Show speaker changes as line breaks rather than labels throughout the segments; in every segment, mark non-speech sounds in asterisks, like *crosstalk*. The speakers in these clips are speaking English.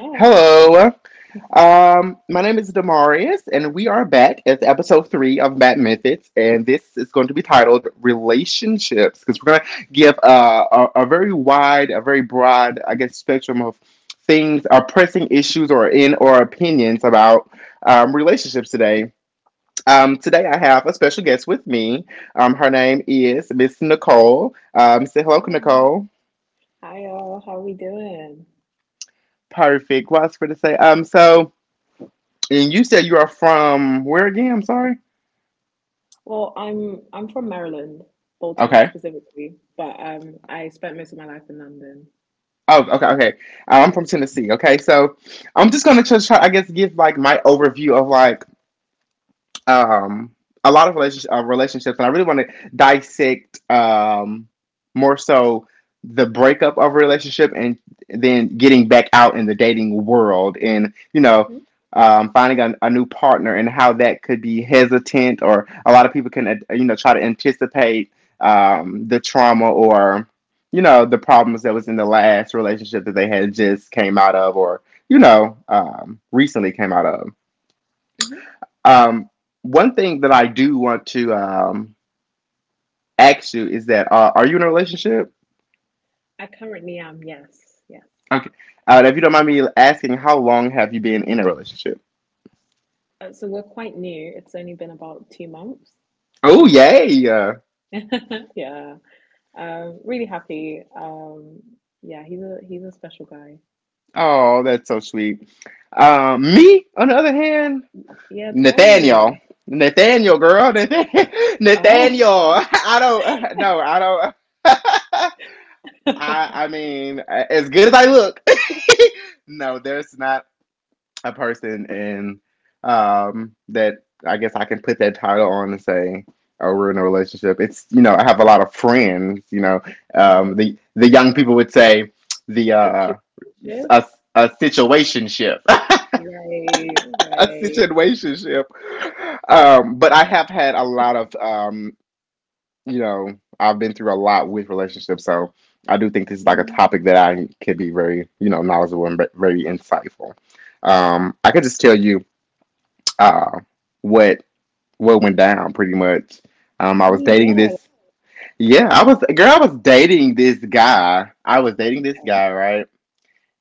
Hi.
Hello. My name is Demarius, and we are back at episode three of Mad Methods, and this is going to be titled Relationships because we're going to give a very wide, a very broad, I guess, spectrum of things, or pressing issues, or in or opinions about relationships today. Today, I have a special guest with me. Her name is Miss Nicole. Say hello,
Hi.
Nicole.
Hi y'all. How we doing?
Perfect. What else for to say? And you said you are from where again? I'm sorry.
Well, I'm from Maryland, Baltimore
Okay.
specifically, but I spent most of my life in London.
Oh, okay, okay. I'm from Tennessee. Okay, so I'm just gonna just try, I guess, give like my overview of like um, a lot of relationships, and I really want to dissect more so the breakup of a relationship and then getting back out in the dating world and
Hmm.
finding a new partner, and how that could be hesitant, or a lot of people can try to anticipate the trauma or the problems that was in the last relationship that they had just came out of or recently came out of.
Hmm.
um, One thing that I do want to ask you is that, are you in a relationship?
I currently am, yes, yes.
Okay. If you don't mind me asking, how long have you been in a relationship?
So we're quite new. It's only been about 2 months. *laughs*
Oh, yay!
Yeah. Really happy. Yeah, he's a special guy.
Oh, that's so sweet. Me, on the other hand,
Yeah, tell me.
Nathaniel. Nathaniel, girl, *laughs*
Oh.
Nathaniel. I don't. *laughs* No,
*laughs*
I don't. *laughs* I mean, as good as I look, *laughs* no, there's not a person and that I guess I can put that title on and say, oh, we're in a relationship. I have a lot of friends.
Mhm.
The young people would say the uh a,
Situations.
a situationship.
Right,
*laughs* A
right.
situationship. But I have had a lot of, I've been through a lot with relationships, so I do think this is like a
Mhm.
topic that I could be very, you know, knowledgeable and very insightful. I could just tell you uh, what what went down pretty much. I
I
was
mean,
dating
yeah,
this. Yeah, I was girl, I was dating this guy.
okay.
Right?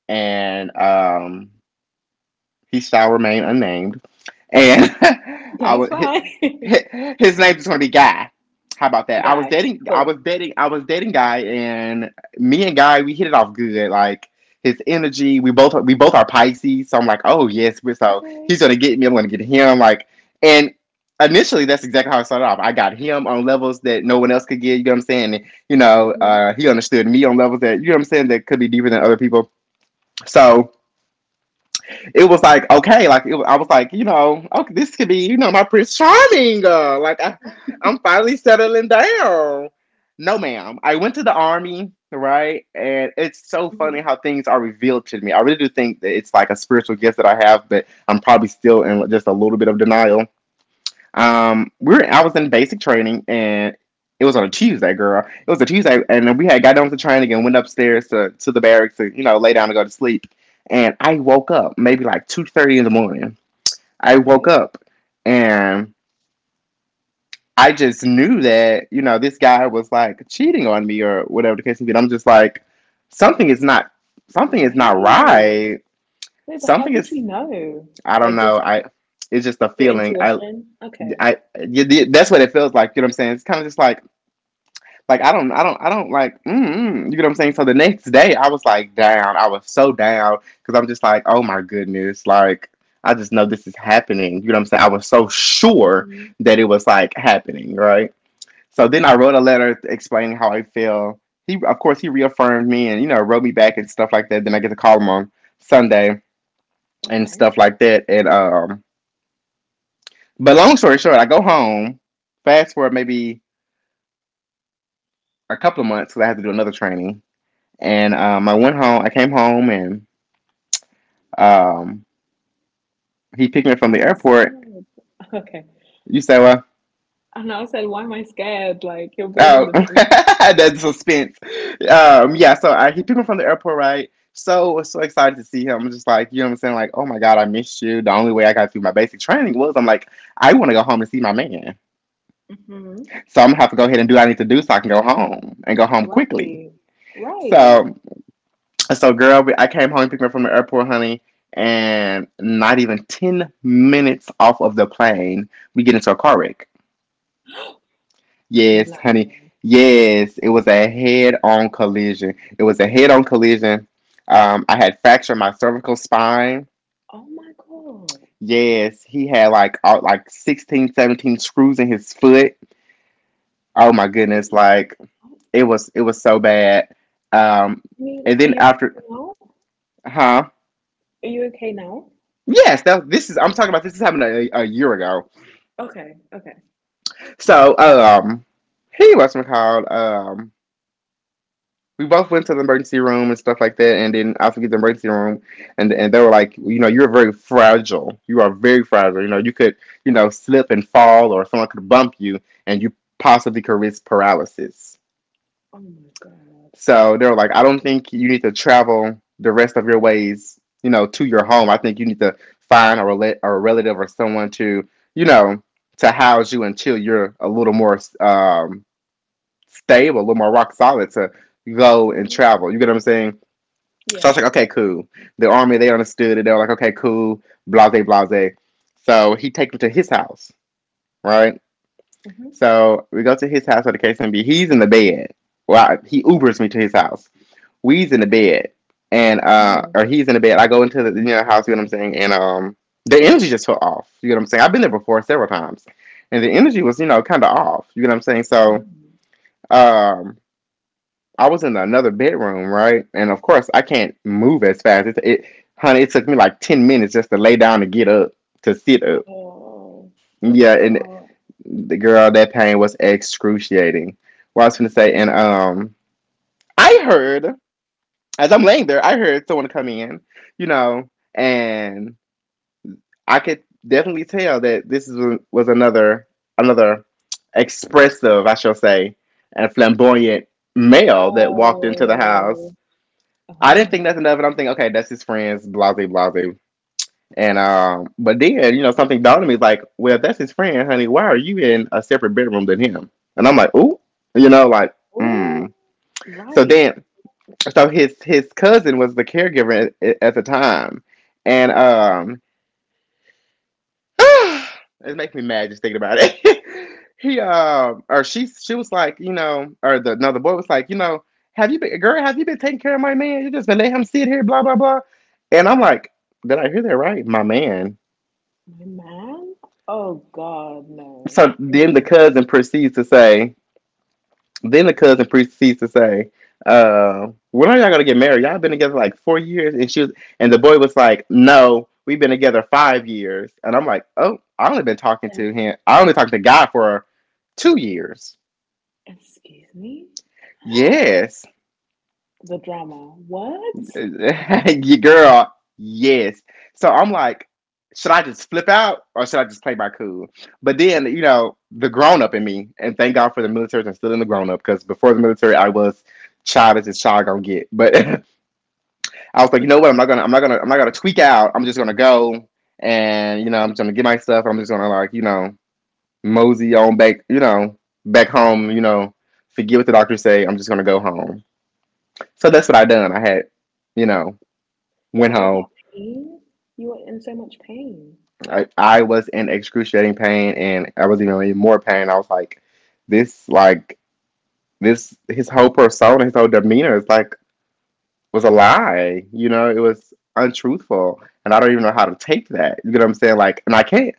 And he shall remain unnamed, and *laughs* I
That's
would
fine.
his,
*laughs*
his name's gonna be Guy. How about that?
Guy, cool.
I was dating Guy, and me and Guy, we hit it off good. Like, his energy, we both are Pisces, so I'm like, oh yes, so he's
Okay.
gonna get me, I'm gonna get him. Like, and initially that's exactly how it started off. I got him on levels that no one else could get. You know what I'm saying? And,
Hmm.
he understood me on levels that, you know what I'm saying, that could be deeper than other people. So it was like, okay, like it I was like, you know, okay, this could be, you know, my Prince Charming. Like, I'm finally settling down. No, ma'am. I went to the army, right? And it's so funny
Hmm. *laughs*
how things are revealed to me. I really do think that it's like a spiritual gift that I have, but I'm probably still in just a little bit of denial. We were I was in basic training, and it was on a Tuesday, girl. It was a Tuesday, and we had got down to training and went upstairs to the barracks to, you know, lay down and go to sleep. And I woke up maybe like 2:30 in the morning. I woke
Okay.
up and I just knew that, you know, this guy was like cheating on me or whatever the case may be. And I'm just like, something is not something is not
Wait.
right.
Wait, but how
Something is
did you know?
I don't
Like,
know.
just
I It's just a
your
feeling. I
intuition? Okay.
Yeah, yeah, that's what it feels like. You know what I'm saying? It's kind of just like. Like, I don't like. You get what I'm saying? So the next day, I was like down. I was so down because I'm just like, oh my goodness, like I just know this is happening. You know what I'm saying? I was so sure
Hmm.
that it was like happening, right? So then
Hmm.
I wrote a letter explaining how I feel. He, of course, he reaffirmed me and wrote me back and stuff like that. Then I get to call him on Sunday and
Okay.
stuff like that. And but long story short, I go home. Fast forward maybe a couple of months because I had to do another training. And I went home. I came home, and um, he picked me up from
Why
the
am I
airport.
scared? *laughs* Okay.
You say, well,
And I said, why am I scared? Like, you're building
oh,
the
*laughs*
tension.
that's suspense. Yeah, so he picked me from the airport, right? So was so excited to see him. I'm just like, you know, what I'm saying, like, oh my god, I missed you. The only way I got through my basic training was I'm like, I want to go home and see my man.
Hmm.
So I'm gonna have to go ahead and do what I need to do so I can go home and go home quickly.
Right. Right.
So And so, girl, I came home, picked me up from the airport, honey, and not even 10 minutes off of the plane, we get into a car wreck.
You
Yes, honey.
lying.
Yes, it was a head on collision. It was a head on collision. I had fractured my cervical spine.
Oh my God.
Yes, he had like all, like 16, 17 screws in his foot. Oh my
Oh
goodness,
my.
like
Oh,
it was, it was so bad. Um,
I mean,
and
are
then
you?
after, huh?
Are you okay now?
Yes, this is I'm talking about. This is happened a year ago.
Okay, okay.
So, he was called. We both went to the emergency room and stuff like that, and then I forget the emergency room, and they were like, you know, you're very fragile. You are very fragile. You know, you could, you know, slip and fall, or someone could bump you, and you possibly could risk paralysis.
Oh my God.
So they were like, I don't think you need to travel the rest of your ways, you know, to your home. I think you need to find a relative or someone to, you know, to house you until you're a little more stable, a little more rock solid to go and
Hmm.
travel. You get what I'm saying? So I
Yeah.
was like, okay, cool. The army, they understood it. They were like, okay, cool, blase, blase. So he takes me to his house, right?
Hmm.
So we go to his house for the case and be. He's in the bed. Well, he Ubers me to his house. We's in the
Okay.
bed, and
Hmm.
or he's in the bed. I go into the house. You know what I'm saying? And the energy just felt off. You know what I'm saying? I've been there before several times, and the energy was kind of off. You know what I'm saying?
Oh no.
So um I was in another bedroom, right? And of course, I can't move as fast. It Honey, it took me like 10 minutes just to lay down and get up, to sit up.
Oh, bless
Yeah,
your
and
heart.
the girl, that pain was excruciating. What I was going to say, and
Mm-mm.
I heard, as I'm laying there, I heard someone come in, you know, and I could definitely tell that was another, another expressive, I shall say, and flamboyant male that walked into the house.
Oh, oh
I didn't
no.
think nothing of it. I'm thinking, okay, that's his friends, blase, blase. And but then something dawned on me like, well, if that's his friend, honey, why are you in a separate bedroom than him? And I'm like, ooh, you know, like,
Oh,
mm. So
right.
then, so his cousin was the caregiver at the time, and *sighs* it makes me mad just thinking about it. *laughs* he or she was like, you know, or the another boy was like, you know, have you been girl, have you been taking care of my man? You just been let him sit here, blah blah blah. And I'm like, did I hear that right? My man.
My man? Oh God, no.
So then the
Mm-mm.
cousin proceeds to say, Then the cousin proceeds to say, when are y'all gonna get married? Y'all been together like 4 years, and the boy was like, no, we've been together 5 years, and I'm like, oh,
Eh,
I only talked to God for 2 years.
excuse me? *gasps*
Yes.
The drama.
*laughs*
What?
Your girl, yes. So I'm like, should I just flip out or should I just play my cool? But then, you know, the grown up in me, and thank God for the military, I'm still in the grown up because before the military, I was child as a child gonna get. But *laughs* I was like, you know
*laughs*
what? I'm not gonna tweak out. I'm just gonna go and you know, I'm just gonna get my stuff. I'm just gonna like, you know, mosey on back, you know, back home. You know, forget what the doctor say. I'm just gonna go home. So that's what I done. I had, you know, went
But all
home.
that pain? You were in so much pain.
I was in excruciating pain, and I was even in more pain. I was like, this, like this, his whole persona, his whole demeanor is like was a lie. You know, it was untruthful, and I don't even know how to take that. You know what I'm saying? Like, and I can't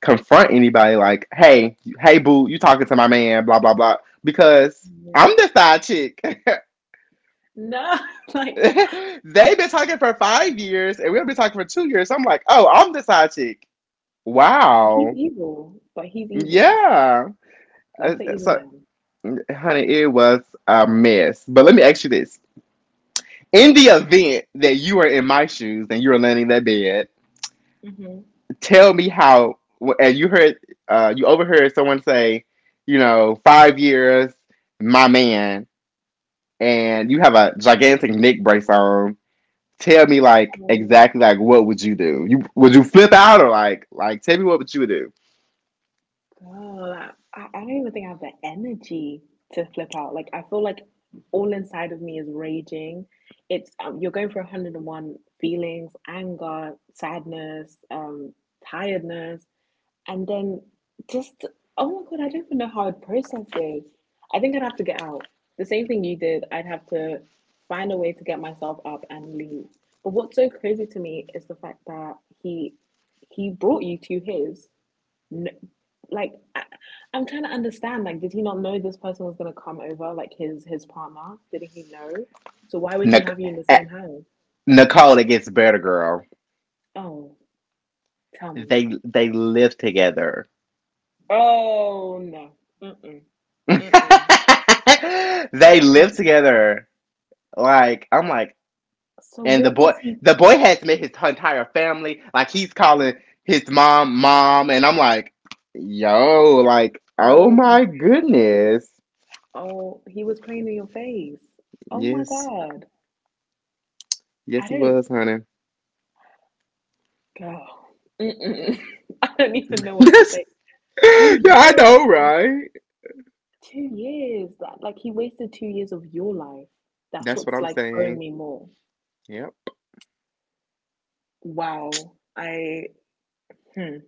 confront anybody like, hey, hey, boo, you talking to my man, blah, blah, blah, because I'm
No.
the side chick. *laughs*
No, *laughs* like, oh.
They've been talking for 5 years and we've been talking for 2 years. So I'm like, oh, I'm the side chick.
But he's
Wow.
evil. But he's evil.
Yeah. Uh,
That's an evil
So,
man.
honey, it was a mess. But let me ask you this. In the event that you were in my shoes and you were laying in that bed,
Hmm.
tell me how, and you heard, you overheard someone say, you know, 5 years, my man, and you have a gigantic neck brace on, tell me like
Oh,
exactly like what would you do? You would you flip out or like tell me what would you do?
girl, I don't even think I have the energy to flip out. Like, I feel like all inside of me is raging. It's you're going through 101 feelings, anger, sadness, tiredness. And then just, oh my God, I don't even know how I'd process this. I think I'd have to get out. The same thing you did, I'd have to find a way to get myself up and leave. But what's so crazy to me is the fact that he he brought you to his. n- Like I'm trying to understand. Like, did he not know this person was gonna come over? Like his partner? Didn't he know? So why would he
Nic-
have you in the
eh,
same house?
Nicole, it gets better, girl.
Oh, tell me.
They live together.
Oh no. Mm-mm. Mm-mm.
*laughs* They live
Mm-mm.
together. Like I'm like,
So
and
what was he?
the boy has met his entire family. Like he's calling his mom mom, and I'm like, yo, like oh
Oh,
my
my-
goodness,
oh, he was playing in your face. Oh my
yes.
God.
Yes,
I
he
didn't
was, honey.
go. Mm-mm. *laughs* I don't even know
*laughs*
what to
Yes.
say. Two
Yeah, I
years
know,
and
right?
2 years. That like he wasted 2 years of your life. That's
That's what
what's
I'm
like throwing
saying.
me more.
Yep.
Wow. I hmm.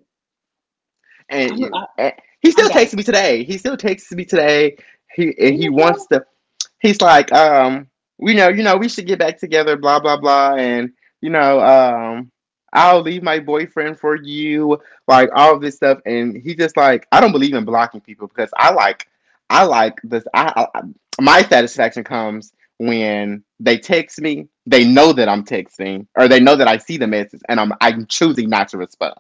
And
I'm
you,
I,
and he
I'm
still
guys.
texts me today. He still texts me today. He and he
You before?
wants to, he's like, you know, we should get back together, blah blah blah, and you know, I'll leave my boyfriend for you, like all of this stuff, and he just like, I don't believe in blocking people because I like this. I My satisfaction comes when they text me, they know that I'm texting, or they know that I see the message, and I'm choosing not to respond.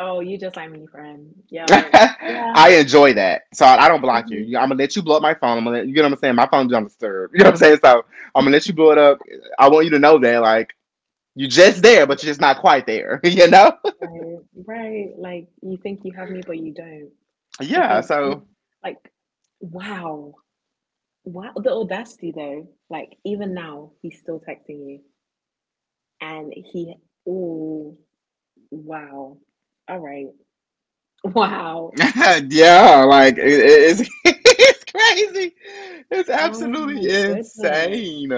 Oh, you just like me, friend.
*laughs*
Yo. Yeah.
I enjoy that. So I don't block you.
Hmm.
You- I'm gonna let you blow up my phone. I'm gonna let, you know what I'm saying? My phone's on disturb. *laughs* You know what I'm saying? So I'm gonna
*laughs*
let you blow it up. I want you to know that like you're just there, but you're just not quite there. *laughs* You know?
Right, right. Like, you think you have me, but you don't.
Yeah.
Because in
So
like wow, wow, the audacity though. Like, even now he's still texting you, and he, oh, wow. All right. *laughs* Wow.
*laughs* yeah, like it's *laughs* it's crazy. It's
Oh my
absolutely
goodness,
insane.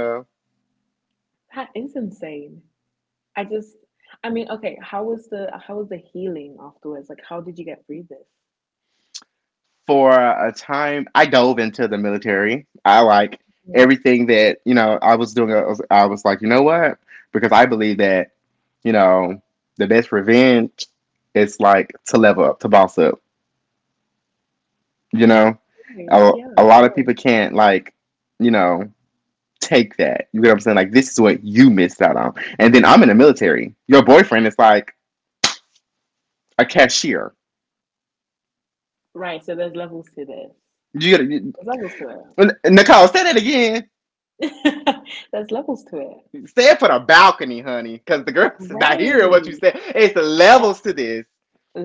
that is insane. I just, I mean, okay, how was the healing afterwards? Like, how did you get through this?
For a time I dove into the military. I like
Mhm.
everything that you know I was doing. I was like you know what, because I believe that, you know, the best revenge is like to level up, to boss up, you know.
Right,
a,
yeah,
a lot of
real.
people can't like, you know, take that. You get what I'm saying? Like this is what you missed out on, and then I'm in the military, your boyfriend is like a cashier.
Right, so there's levels to this.
you, you,
There's levels to
Nicole, say that again.
it. *laughs* There's levels to it.
Stay up for the balcony, honey, because the girl's not hearing *laughs* what you
Right.
said. It's the levels to this.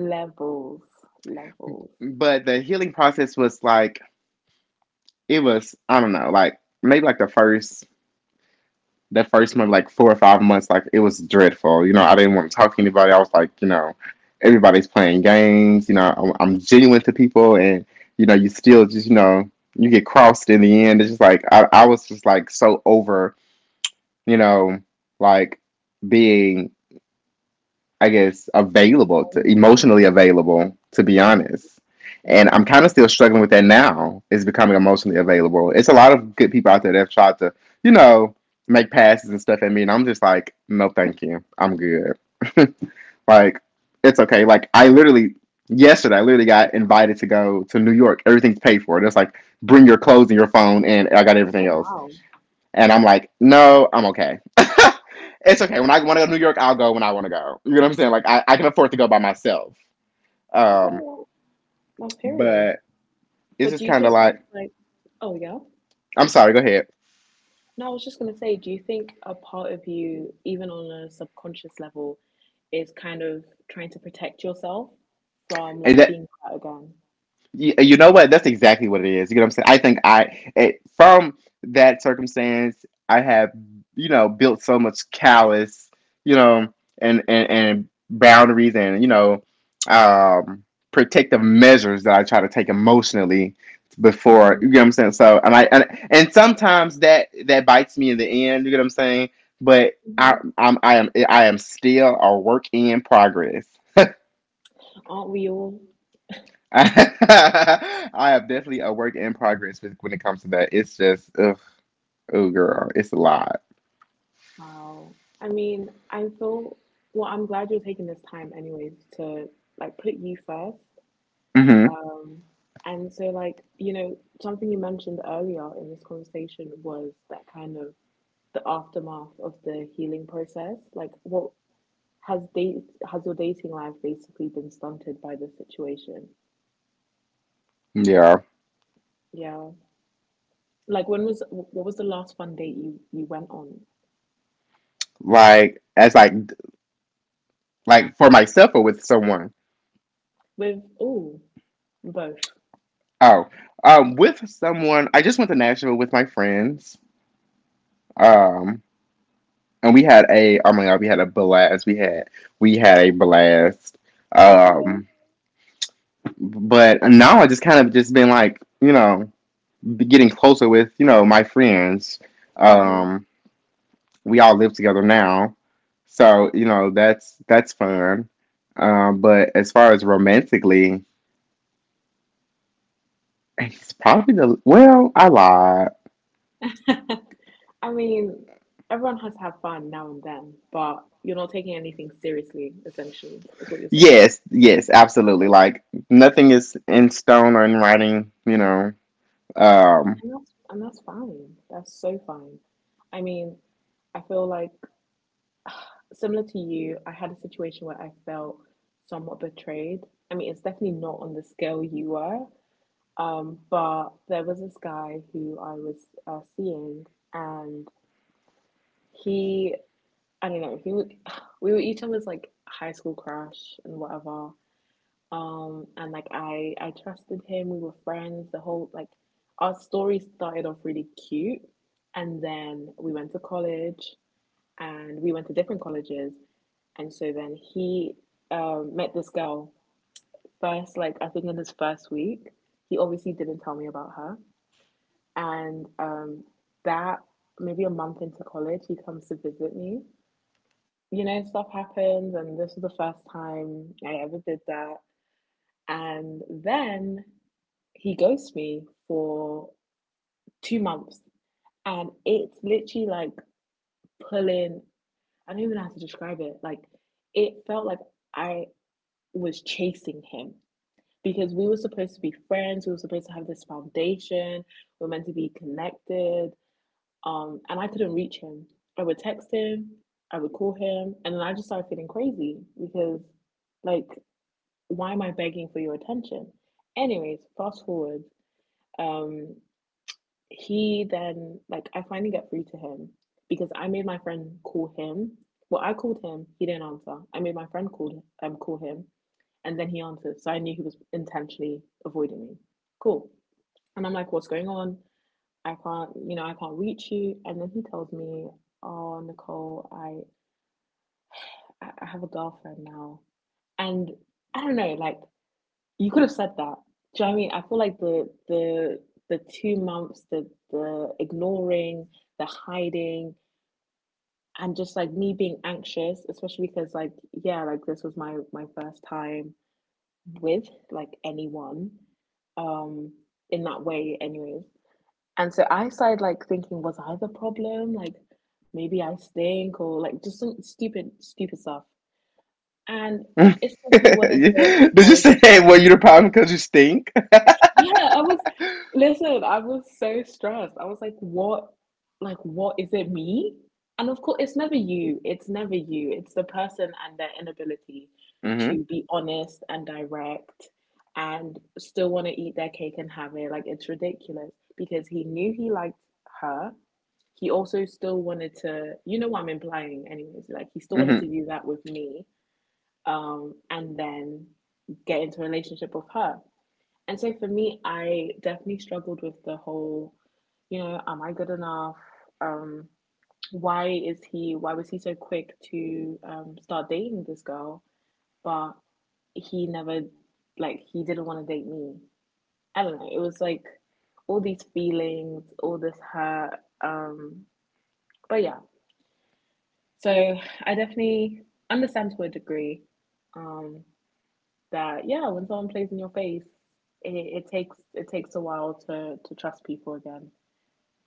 Levels, levels.
But the healing process was like it was, I don't know, like maybe like the first month, like 4 or 5 months, like it was dreadful. You know, I didn't want to talk to anybody. I was like, you know, everybody's playing games, you know, I'm genuine to people and you know, you still just, you know, you get crossed in the end. It's just like I was just like so over, you know, like being I guess, available to
Valuable?
emotionally available, to be
Right.
honest. And
Hmm.
I'm kind of still struggling with that now, is becoming emotionally available. It's a lot of good people out there that have tried to, you know, make passes and stuff at me. And I'm just like, no, thank you. I'm good. *laughs* Like, it's okay. Like, I literally, yesterday, I literally got invited to go to New York. Everything's paid for. It's like, bring your clothes and your phone, and I got everything
Oh,
else.
wow.
And I'm like, no, I'm okay. *laughs* It's okay. When I want to go to New York, I'll go when I want to go. You know what I'm saying? Like, I can afford to go by myself.
Okay,
Um,
well, period.
but it's
But
just
do you
kind of
think that's
like,
like, oh yeah?
I'm sorry, go ahead.
No, I was just gonna say, do you think a part of you, even on a subconscious level, is kind of trying to protect yourself from,
And
like,
that,
being hurt again?
You know what? That's exactly what it is. You know what I'm saying? I think I, it, from that circumstance, I have, you know, built so much callous, you know, and boundaries and you know, um, protective measures that I try to take emotionally before.
Hmm.
You know what I'm saying? So, and sometimes that bites me in the end. You know what I'm saying? But
Hmm.
I am still a work in progress.
Aren't we all?
*laughs* I am definitely a work in progress when it comes to that. It's just, ugh, oh girl, it's a lot.
Wow. I mean, I feel, well, I'm glad you're taking this time anyways to, like, put you first.
Hmm.
Um, and so, like, you know, something you mentioned earlier in this conversation was that kind of the aftermath of the healing process. Like, what has date has your dating life basically been stunted by this situation?
Yeah,
Yeah. Like, when was what was the last fun date you went on
like as like for myself or with someone.
with? Oh, both.
Oh, with someone. I just went to Nashville with my friends. Um, and we had a oh my god, we had a blast. We had a blast.
Okay.
Um, but now I just kind of just been like you know getting closer with you know my friends.
Hmm.
Um. We all live together now. So, you know, that's fun. But as far as romantically, he's probably the well, I lied.
*laughs* I mean, everyone has to have fun now and then, but you're not taking anything seriously, essentially, is what you're saying.
Yes, yes, absolutely. Like nothing is in stone or in writing, you know. Um.
And that's fine. That's so fine. I mean, I feel like, similar to you, I had a situation where I felt somewhat betrayed. I mean, it's definitely not on the scale you were, but there was this guy who I was seeing, and he, I don't know, he would, *sighs* we were each other's, like, high school crush and whatever. And, like, I trusted him. We were friends the whole, like, our story started off really cute. And then we went to college, and we went to different colleges. And so then he met this girl first, like, I think, in his first week. He obviously didn't tell me about her. And that, maybe a month into college, he comes to visit me. You know, stuff happens, and this was the first time I ever did that. And then he ghosted me for 2 months, and it's literally like pulling. I don't even know how to describe it. Like, it felt like I was chasing him because we were supposed to be friends, we were supposed to have this foundation, we were meant to be connected. And I couldn't reach him. I would text him, I would call him, and then I just started feeling crazy because, like, why am I begging for your attention? Anyways, fast forward, um he then like, I finally get through to him, because I made my friend call him. Well, I called him. He didn't answer. I made my friend call him, and then he answered. So I knew he was intentionally avoiding me. Cool. And I'm like, what's going on? I can't reach you. And then he tells me, oh Nicole, I have a girlfriend now, and I don't know, like, you could have said that. Do you know what I mean? I feel like the 2 months, the ignoring, the hiding, and just, like, me being anxious, especially because, like, yeah, like, this was my first time with, like, anyone, um, in that way, anyways. And so I started, like, thinking, was I the problem? Like, maybe I stink or, like, just some stupid stupid stuff. And it's
*laughs*
because he wanted to,
Did you
like,
say, hey, well, you're the problem because you stink?
yeah, I was, listen, I was so stressed. I was like, what is it, me? And of course, it's never you. It's never you. It's the person and their inability
Hmm.
to be honest and direct and still want to eat their cake and have it. Like, it's ridiculous, because he knew he liked her. He also still wanted to, you know what I'm implying, anyways, like, he still wanted
Hmm.
to do that with me. And then get into a relationship with her. And so for me, I definitely struggled with the whole, you know, am I good enough? Um, why was he so quick to start dating this girl? But he never, like, he didn't want to date me. I don't know. It was like all these feelings, all this hurt. But yeah, so I definitely understand to a degree. Um, that yeah, when someone plays in your face, it, it takes a while to trust people again.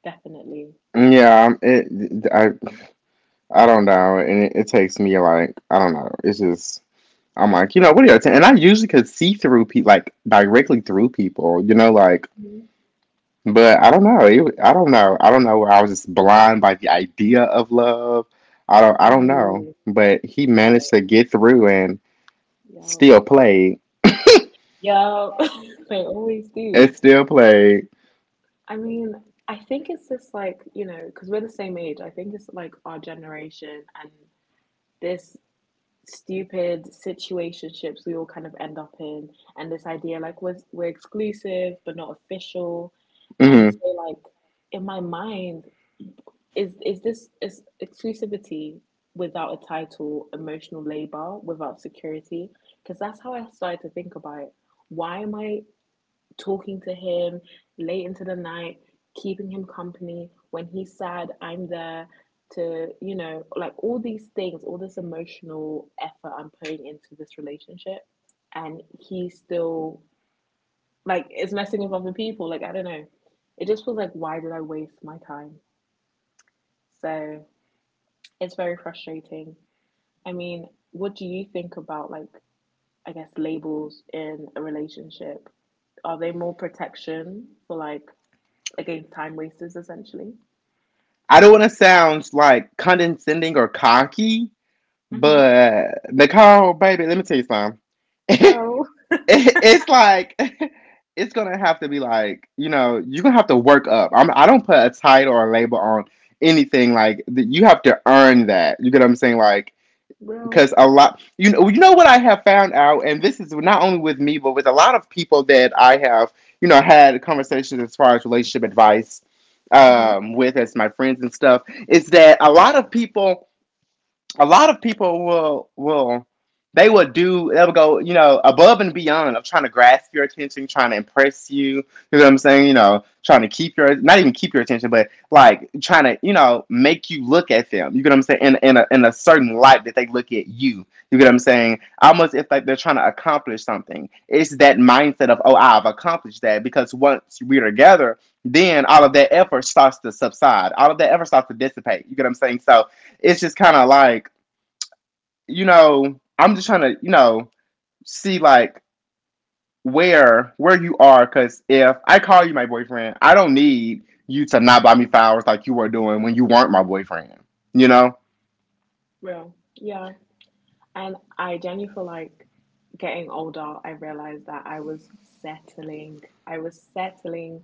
Definitely.
Yeah, I don't know. And it takes me like, I don't know. It's just I'm like, you know, what are your ten? And I usually could see through people, like directly through people, you know, like.
Mhm.
But I don't know. It, I don't know. I don't know. I was just blind by the idea of love. I don't. I don't know.
Ooh,
But he
talk about it.
managed to get through and
Yeah.
still played.
Yeah. *laughs* They always do.
It still played.
I mean, I think it's just, like, you know, because we're the same age. I think it's like our generation and this stupid situationships we all kind of end up in, and this idea, like, we're exclusive but not official. And
Hmm.
so, like, in my mind, is this is exclusivity without a title, emotional labor without security, because that's how I started to think about it. Why am I talking to him late into the night, keeping him company when he's sad? I'm there to, you know, like, all these things, all this emotional effort I'm putting into this relationship. And he's still, like, it's messing with other people, like, I don't know. It just feels like, why did I waste my time? So it's very frustrating. I mean, what do you think about, like, I guess, labels in a relationship? Are they more protection for, like, against time wasters essentially?
I don't want to sound like condescending or cocky,
Mm-hmm.
but Nicole, baby, let me tell you something. *laughs*
Oh,
It's like *laughs* it's gonna have to be like you know you're gonna have to work up. I don't put a title or a label on anything like you have to earn that. You get what I'm saying? Like
real.
because a lot you know what I have found out, and this is not only with me but with a lot of people that I have you know had conversations as far as relationship advice
Mm-hmm.
with as my friends and stuff is that a lot of people, a lot of people will they would do they'll go you know above and beyond of trying to grasp your attention, trying to impress you know what I'm saying, you know, trying to keep your not even keep your attention, but like trying to you know make you look at them you know what I'm saying in a certain light that they look at you, you know what I'm saying, almost if like they're trying to accomplish something. It's that mindset of oh I've accomplished that, because once we're together then all of that effort starts to subside, all of that effort starts to dissipate, you know what I'm saying. So it's just kind of like, you know, I'm just trying to, you know, see like where you are. Cause if I call you my boyfriend, I don't need you to not buy me flowers like you were doing when you weren't my boyfriend. You know?
Real. Yeah. And I genuinely feel like, getting older, I realized that I was settling. I was settling,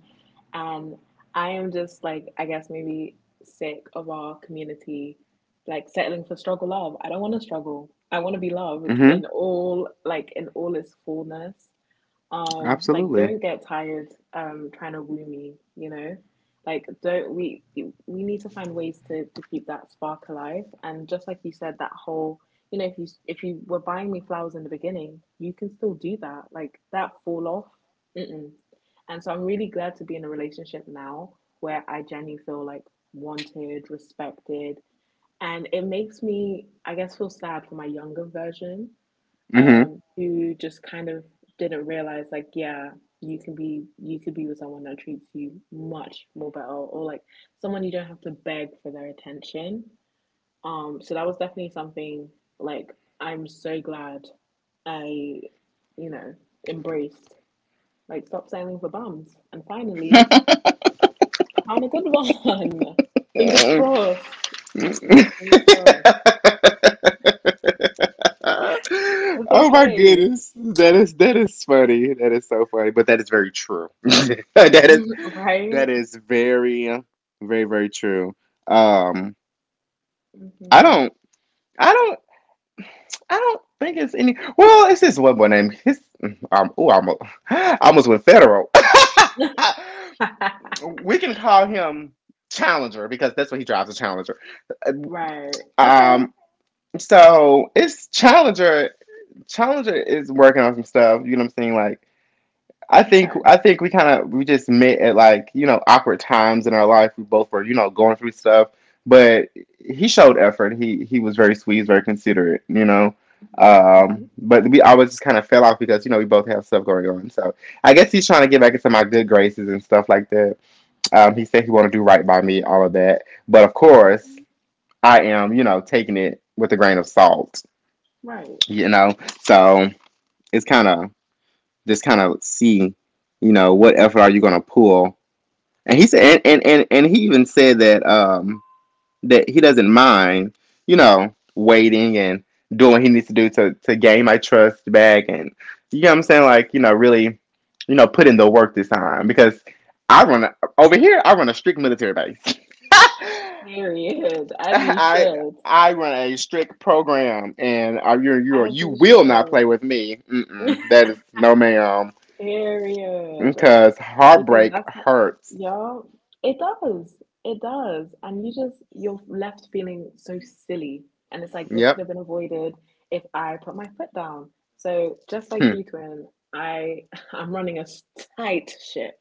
and I am just, like, I guess, maybe sick of our community, like, settling for struggle love. I don't want to struggle. I want to be loved in
Hmm.
all, in all its fullness. Like,
Absolutely.
don't get tired, trying to woo me, like, don't we need to find ways to keep that spark alive, and just like you said, that whole, you know, if you, if you were buying me flowers in the beginning, you can still do that, like, that fall off. Mm-mm. And so I'm really glad to be in a relationship now where I genuinely feel like wanted, respected, and it makes me, I guess, feel sad for my younger version.
Hmm.
Who just kind of didn't realize, like, yeah, you can be, you could be with someone that treats you much more better, or like someone you don't have to beg for their attention. Um, so that was definitely something, like, I'm so glad I you know embraced, like, stop sailing for bums, and finally I found a good one. *laughs* Fingers
*laughs*
crossed, fingers crossed, because they
Oh my
play.
goodness. That is funny. That is so funny. But that is very true. *laughs* That is
*laughs* Right.
very very true. Um, I
Hmm.
don't I don't I don't think it's any. Well, it's this one boy named his. Oh, I almost, *gasps* I almost went federal. *laughs*
*laughs*
We can call him Challenger, because that's what he drives, a Challenger.
Right. Okay.
Um, so it's Challenger. Challenger is working on some stuff. You know what I'm saying? Like.
Okay.
I think we kind of we just met at like you know awkward times in our life. We both were going through stuff, but he showed effort. He was very sweet, very considerate.
Hmm. Hmm.
But we always kind of fell off because we both have stuff going on. So I guess he's trying to get back into my good graces and stuff like that. He said he want to do right by me, all of that. But of course,
Okay.
I am taking it with a grain of salt.
Right.
You know, so it's kind of just kind of see, what effort are you going to pull. And he said, and he even said that that he doesn't mind, waiting and doing what he needs to do to gain my trust back. And you know what I'm saying? Like, you know, really, put in the work this time because over here, I run a strict military base. *laughs*
Period. As you
I
should.
I run a strict program, and you you
As
you
you
will not
should.
play with me. Mm-mm, that is no, ma'am.
Period.
Because
Because
heartbreak
that's not,
hurts.
yo, it does. It does. And you just, you're left feeling so silly. And it's like, this could
Yep.
have been avoided if I put my foot down. So just like
Hmm.
you, twin, I, *laughs* I'm running a s- tight ship,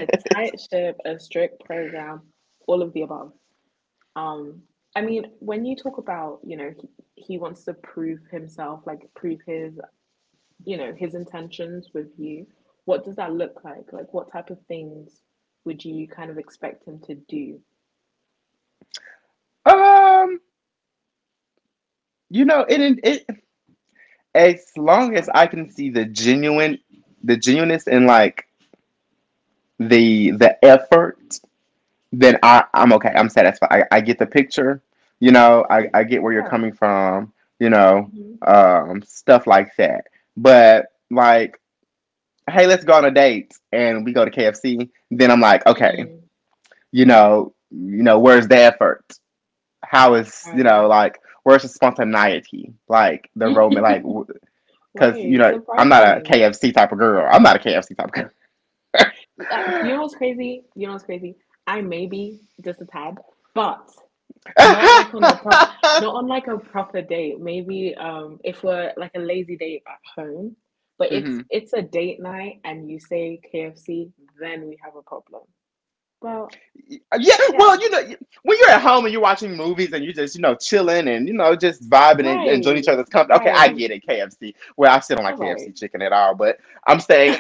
a tight ship, a strict program, all of the above. Um, I mean, when you talk about, he wants to prove himself, like prove his, his intentions with you, what does that look like? Like, what type of things would you kind of expect him to do?
um, you know, it as long as I can see the genuine, the genuineness and like the effort, then I'm okay. I'm satisfied. I get the picture. You know,
Okay.
I get where you're
Yeah.
coming from. You know,
Hmm.
stuff like that. But like, hey, let's go on a date and we go to KFC. Then I'm like, okay,
Mm-mm. Right.
where's the effort? How is
Right.
where's the spontaneity, like the roman, like,
*laughs*
because
Right.
I'm
Surprise
not a
me.
KFC type of girl. I'm not a KFC type of girl.
Like, you know what's crazy? You know what's crazy? I may be just a tad, but not like on a proper, not on like a proper date. Maybe if we're like a lazy date at home, but
*laughs*
if
Hmm.
it's a date night and you say KFC, then we have a problem. Well,
Yeah,
yeah,
well, when you're at home and you're watching movies and you're just chilling and just vibing and enjoying
right,
each other's company, okay, I
right,
get it. KFC, well, I still don't like
all right,
KFC chicken at all, but I'm saying,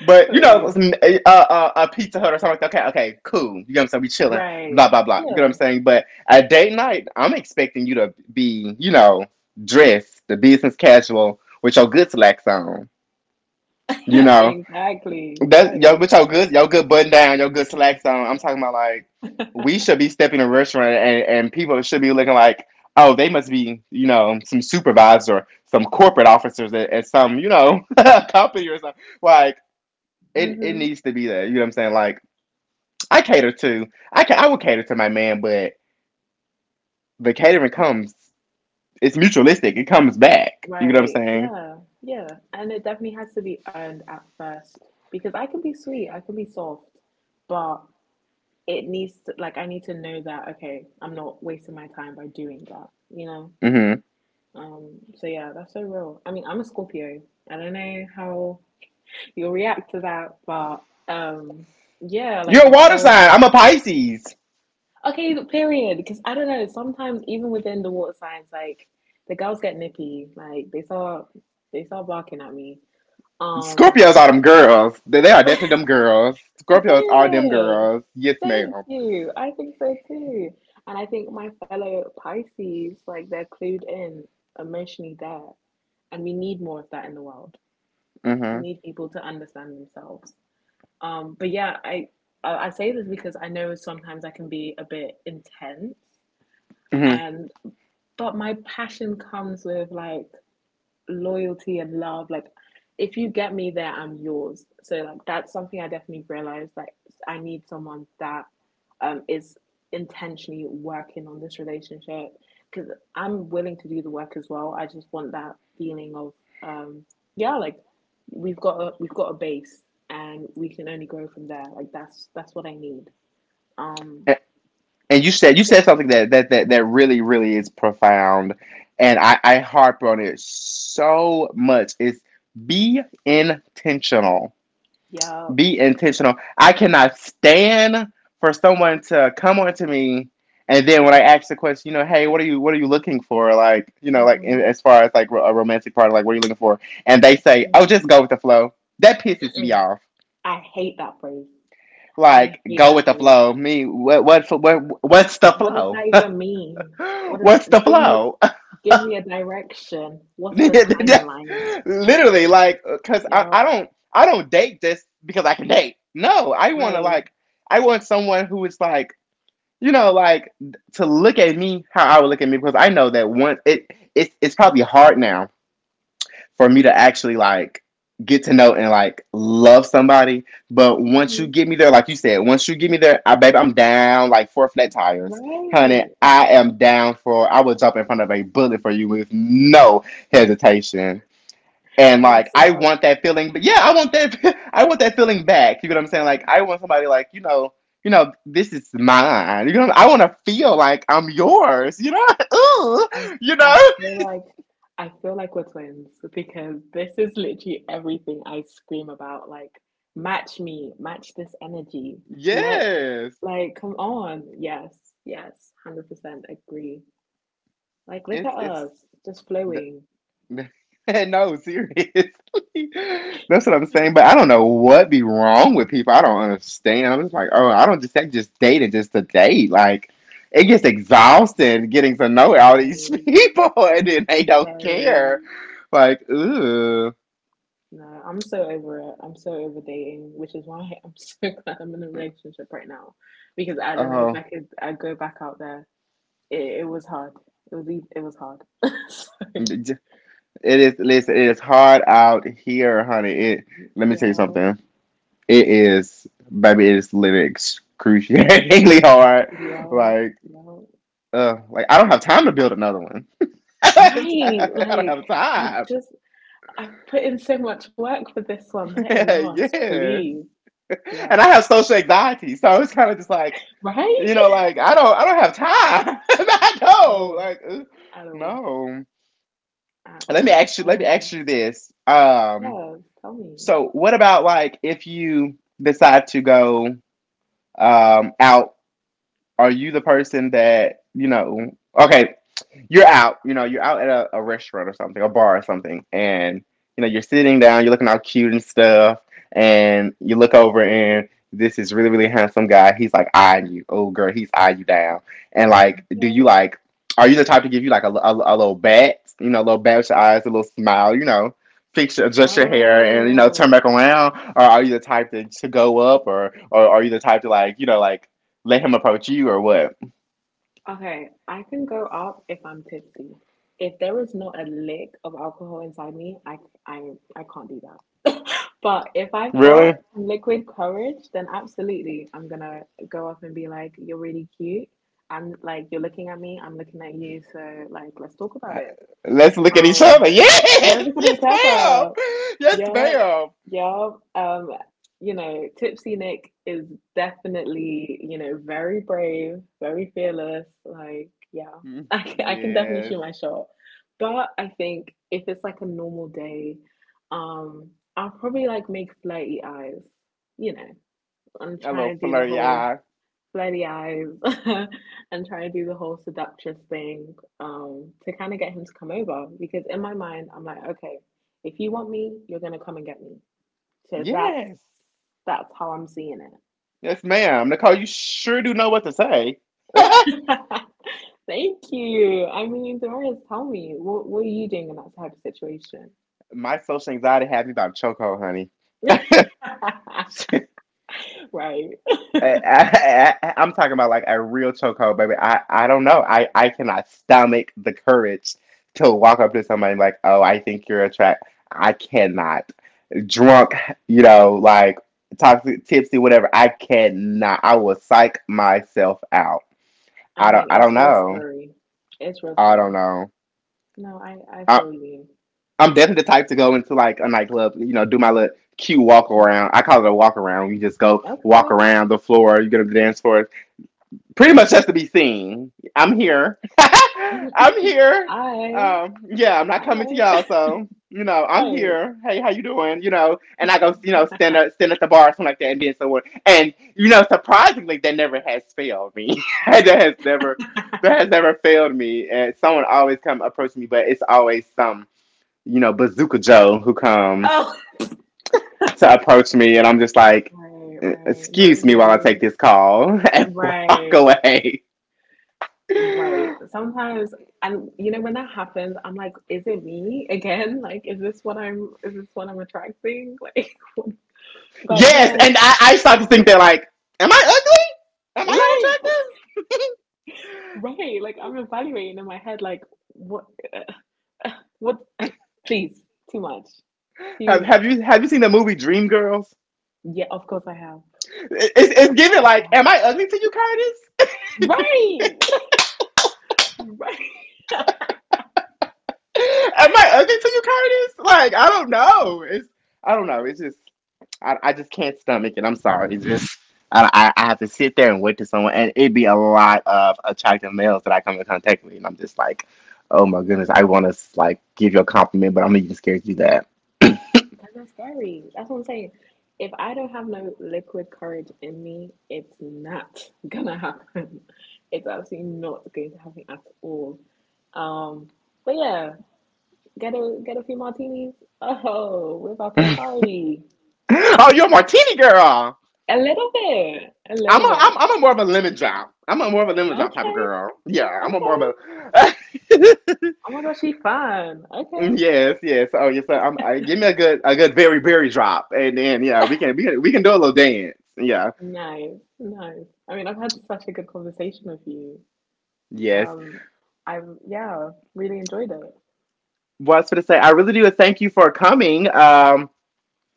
but,
got you,
a Pizza Hut or something like that. Okay, okay, cool. You know what I'm saying? We chilling,
right,
blah blah blah. You know what
yeah,
I'm saying? But at date night, I'm expecting you to be, dressed, the business casual, with your good slacks on. You
*laughs*
know,
exactly,
that yo
right.
with your good button down, your good slacks on. I'm talking about like we
*laughs*
should be stepping in a restaurant, and people should be looking like, oh, they must be, some supervisor, some corporate officers at some, *laughs* company or something like it
Mm-hmm.
needs to be there. You know what I'm saying? Like I cater to I would cater to my man, but the catering comes, it's mutualistic. It comes back. You know what I'm
Right.
saying?
Yeah. Yeah. And it definitely has to be earned at first, because I can be sweet, I can be soft, but it needs to, like, I need to know that, okay, I'm not wasting my time by doing that.
Hmm.
So yeah, that's so real. I mean, I'm a Scorpio. I don't know how you'll react to that, but yeah, like
You're a
I
water
feel
sign. I'm a Pisces.
okay. Period. Because I don't know. Sometimes even within the water signs, like the girls get nippy. Like they start, they start barking at me. Um,
Scorpios are them girls. They are definitely them girls. Scorpios are them
Superior,
girls. Yes,
thank
madam.
you. I think so too. And I think my fellow Pisces, like, they're clued in emotionally there. And we need more of that in the world. We
Mm-hmm.
need people to understand themselves. But yeah, I, I say this because I know sometimes I can be a bit intense,
Mm-hmm.
and but my passion comes with, like, loyalty and love. Like, if you get me there, I'm yours. So, like, that's something I definitely realized. Like, I need someone that is intentionally working on this relationship, because I'm willing to do the work as well. I just want that feeling of um yeah, like, we've got a base and we can only grow from there. Like, that's what I need. Um,
And, and you said
yeah,
something that really really is profound, and I harp on it so much. Is be intentional.
yeah,
Be intentional. I cannot stand for someone to come onto me and then when I ask the question, you know, hey, what are you looking for? Like, you know, like
mm-hmm.
as far as like a romantic partner, like what are you looking for? And they say,
Mm-hmm.
oh, just go with the flow. That pisses me
Mm-mm.
off.
I hate that phrase. I
Like,
hate
go with
that
the
phrase.
flow. Me, what's the
What does
flow?
that even mean?
*laughs*
What is,
What's the
give me
flow?
give me a direction. What's the timeline?
*laughs* Literally, like, cause
Yeah,
I don't date just because I can date. No, I want to
right.
like I want someone who is like, you know, like to look at me how I would look at me, because I know that one it's probably hard now for me to actually like get to know and like love somebody. But once you
Hmm.
get me there, like you said, once you get me there, I baby, I'm down like four flat tires. Honey,
Right.
I am down for I would jump in front of a bullet for you with no hesitation, and
And
like
that's
I
love.
want that feeling, but yeah, I want that *laughs* I want that feeling back. You know what I'm saying? Like I want somebody like you know, this is mine. You know, I want to feel like I'm yours. You know, *laughs* ooh,
I
you know,
I feel like, I feel like we're twins, because this is literally everything I scream about. Like, match me, match this energy. Let's,
yes,
like, come on. Yes, yes, 100% agree. Like, look at
it's
us, just flowing.
*laughs* No, seriously. *laughs* That's what I'm saying. But I don't know what be wrong with people. I don't understand. I'm just like, oh, I don't just I just dated just to date. Like it gets exhausting getting to know all these *laughs*
Very,
people and then they don't
very.
care. Like, ooh,
No, I'm so over it. I'm so over dating, which is why I'm so *laughs* glad I'm in a relationship right now. Because I don't know if I
oh,
could, I go back out there. It was hard. It was e- it was hard. *laughs* So,
it is. Listen, it is hard out here, honey. It. Let me tell you
yo,
something. It is, baby. It is literally excruciatingly *laughs* hard.
yo,
Like,
yo.
like I don't have time to build another one. *laughs* I
Right,
don't
like,
have
I've
time.
just, I've put in so much work for this one. Let
*laughs*
it last,
Yes.
please. Yeah.
And I have social anxiety. So it's kind of just like, you
Right?
know, like I don't have time. *laughs* I
*laughs* At
know.
all.
Like
At all.
no.
At all. Oh
Let me
my god.
ask you this.
Yeah. Tell me.
So what about like if you decide to go out. Are you the person that, you know, okay, you're out, you know, you're out at a restaurant or something, a bar or something, and, you know, you're sitting down, you're looking all cute and stuff, and you look over and this is really, really handsome guy. He's like eyeing you. Oh, girl, he's eyeing you down. And, like, do
Yeah.
you, like, are you the type to give you, like, a little bat, you know, a little bat with your eyes, a little smile, you know? Adjust your hair and you know turn
Oh,
back around, or are you the type to go up, or are you the type to like you know like let him approach you or what?
okay, I can go up if I'm tipsy. If there is not a lick of alcohol inside me, I I can't do that. But if I've got
Really?
some liquid courage, then absolutely I'm gonna go up and be like, "You're really cute." I'm like, "You're looking at me. I'm looking at you. So, like, let's talk about it."
Let's look at each
Um,
other. *laughs* Yes,
let's look at
yes,
each
ma'am.
other.
Yes,
Yeah,
ma'am.
yeah. You know, Tipsy Nick is, definitely, you know, very brave, very fearless. Like, yeah,
Mm,
*laughs* I can definitely
yes,
shoot my shot. But I think if it's like a normal day, um, I'll probably like make flirty eyes, you know, and
a
try
little
and do the
flirty
whole
eye.
flirty eyes, *laughs* and try to do the whole seductress thing to kind of get him to come over. Because in my mind, I'm like, okay, if you want me, you're gonna come and get me. So
Yes,
that's how I'm seeing
yes, ma'am. Nicole, you sure do know what to say. *laughs*
it. *laughs* Thank you. I mean, Damaris, tell me, what are you doing in that type of situation?
My social anxiety has me by chokehold, honey.
*laughs*
*laughs* I,
Right.
I'm talking about like a real chokehold, baby. I don't know. I cannot stomach the courage to walk up to somebody like, oh, I think you're attractive. I cannot. Drunk, you know, like toxic, tipsy, whatever. I cannot. I will psych myself out.
I
I don't.
mean,
I
it's
don't
real
know.
scary. It's real
I don't
scary.
know.
No, I
I,
feel you.
I'm definitely the type to go into like a nightclub, you know, do my little cute walk
Mm,
around. I call it a walk around. You just go walk
okay.
around the floor. You go to the dance floor, pretty much has to be seen. I'm here. *laughs* I'm
*laughs*
here.
Hi.
Yeah, I'm not coming to
Hi.
y'all, so you know,
*laughs*
I'm
Right.
here. Hey, how you doing? You know, and I go, you know, stand up, stand at the bar or something like that, and then someone, and you know, surprisingly, that never has failed me. *laughs* That has never failed me. And someone always come approach me, but it's always some, you know, bazooka Joe who comes
Oh,
to approach me, and I'm just like,
right, right. Not
Excuse me while I take
you.
this call" *laughs* and walk
Right,
away.
right.
Yes,
Sometimes, and you know, when that happens, I'm like, is it me again? Like, is this what is this what I'm attracting? *laughs* Like, but you know,
and I start to think they're like, am I ugly? Am I
like,
unattractive?
right, like, I'm evaluating in my head, like, what, *sighs* uh, what, please, too much,
*laughs*
too much.
Have you seen the movie Dreamgirls?
Yeah, of course I have.
It's
Of
giving
course I
like, am
have.
I ugly to you, Curtis?
Right, *laughs* right.
*laughs* Am I ugly to you, Curtis? Like I don't know. It's I don't know. It's just I just can't stomach it. I'm sorry. It's just I have to sit there and wait to someone, and it'd be a lot of attractive males that I come in contact with, and I'm just like, oh my goodness,
Mm,
I want to like give you a compliment, but I'm even scared to do that.
that's not scary. That's what I'm saying. If I don't have no liquid courage in me, it's not *laughs* gonna happen. It's absolutely not going to happen at all. Um, but yeah, get a few martinis. *laughs* Oh, we're about to
*clears throat*
party.
*laughs* Oh, you're a martini girl.
A little bit, a little bit.
I'm a more of a lemon drop. I'm a more of a lemon drop type of
Okay,
girl. Yeah, I'm a more of
okay.
a.
Oh my gosh, she's fun.
*laughs*
Okay.
Yes, yes. Oh, yes. Sir. Give me a good berry berry drop, and then yeah, we can do a little dance. Yeah.
Nice. Nice. I mean, I've had such a good conversation with you.
Yes.
Um, I've, yeah, really enjoyed it.
What's for to say? I really do thank you for coming.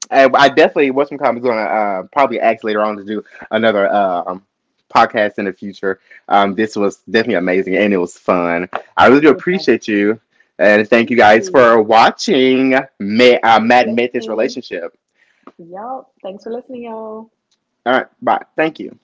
And I definitely what's some comments gonna probably ask later on to do another podcast in the future. This was definitely amazing and it was fun. I really do
Would love
appreciate
to.
you and thank you
Thank
guys
you.
for watching Matt,
Thanks for
Matt Method's
listening.
relationship.
Yup. Thanks for listening, y'all.
All right, bye. Thank you.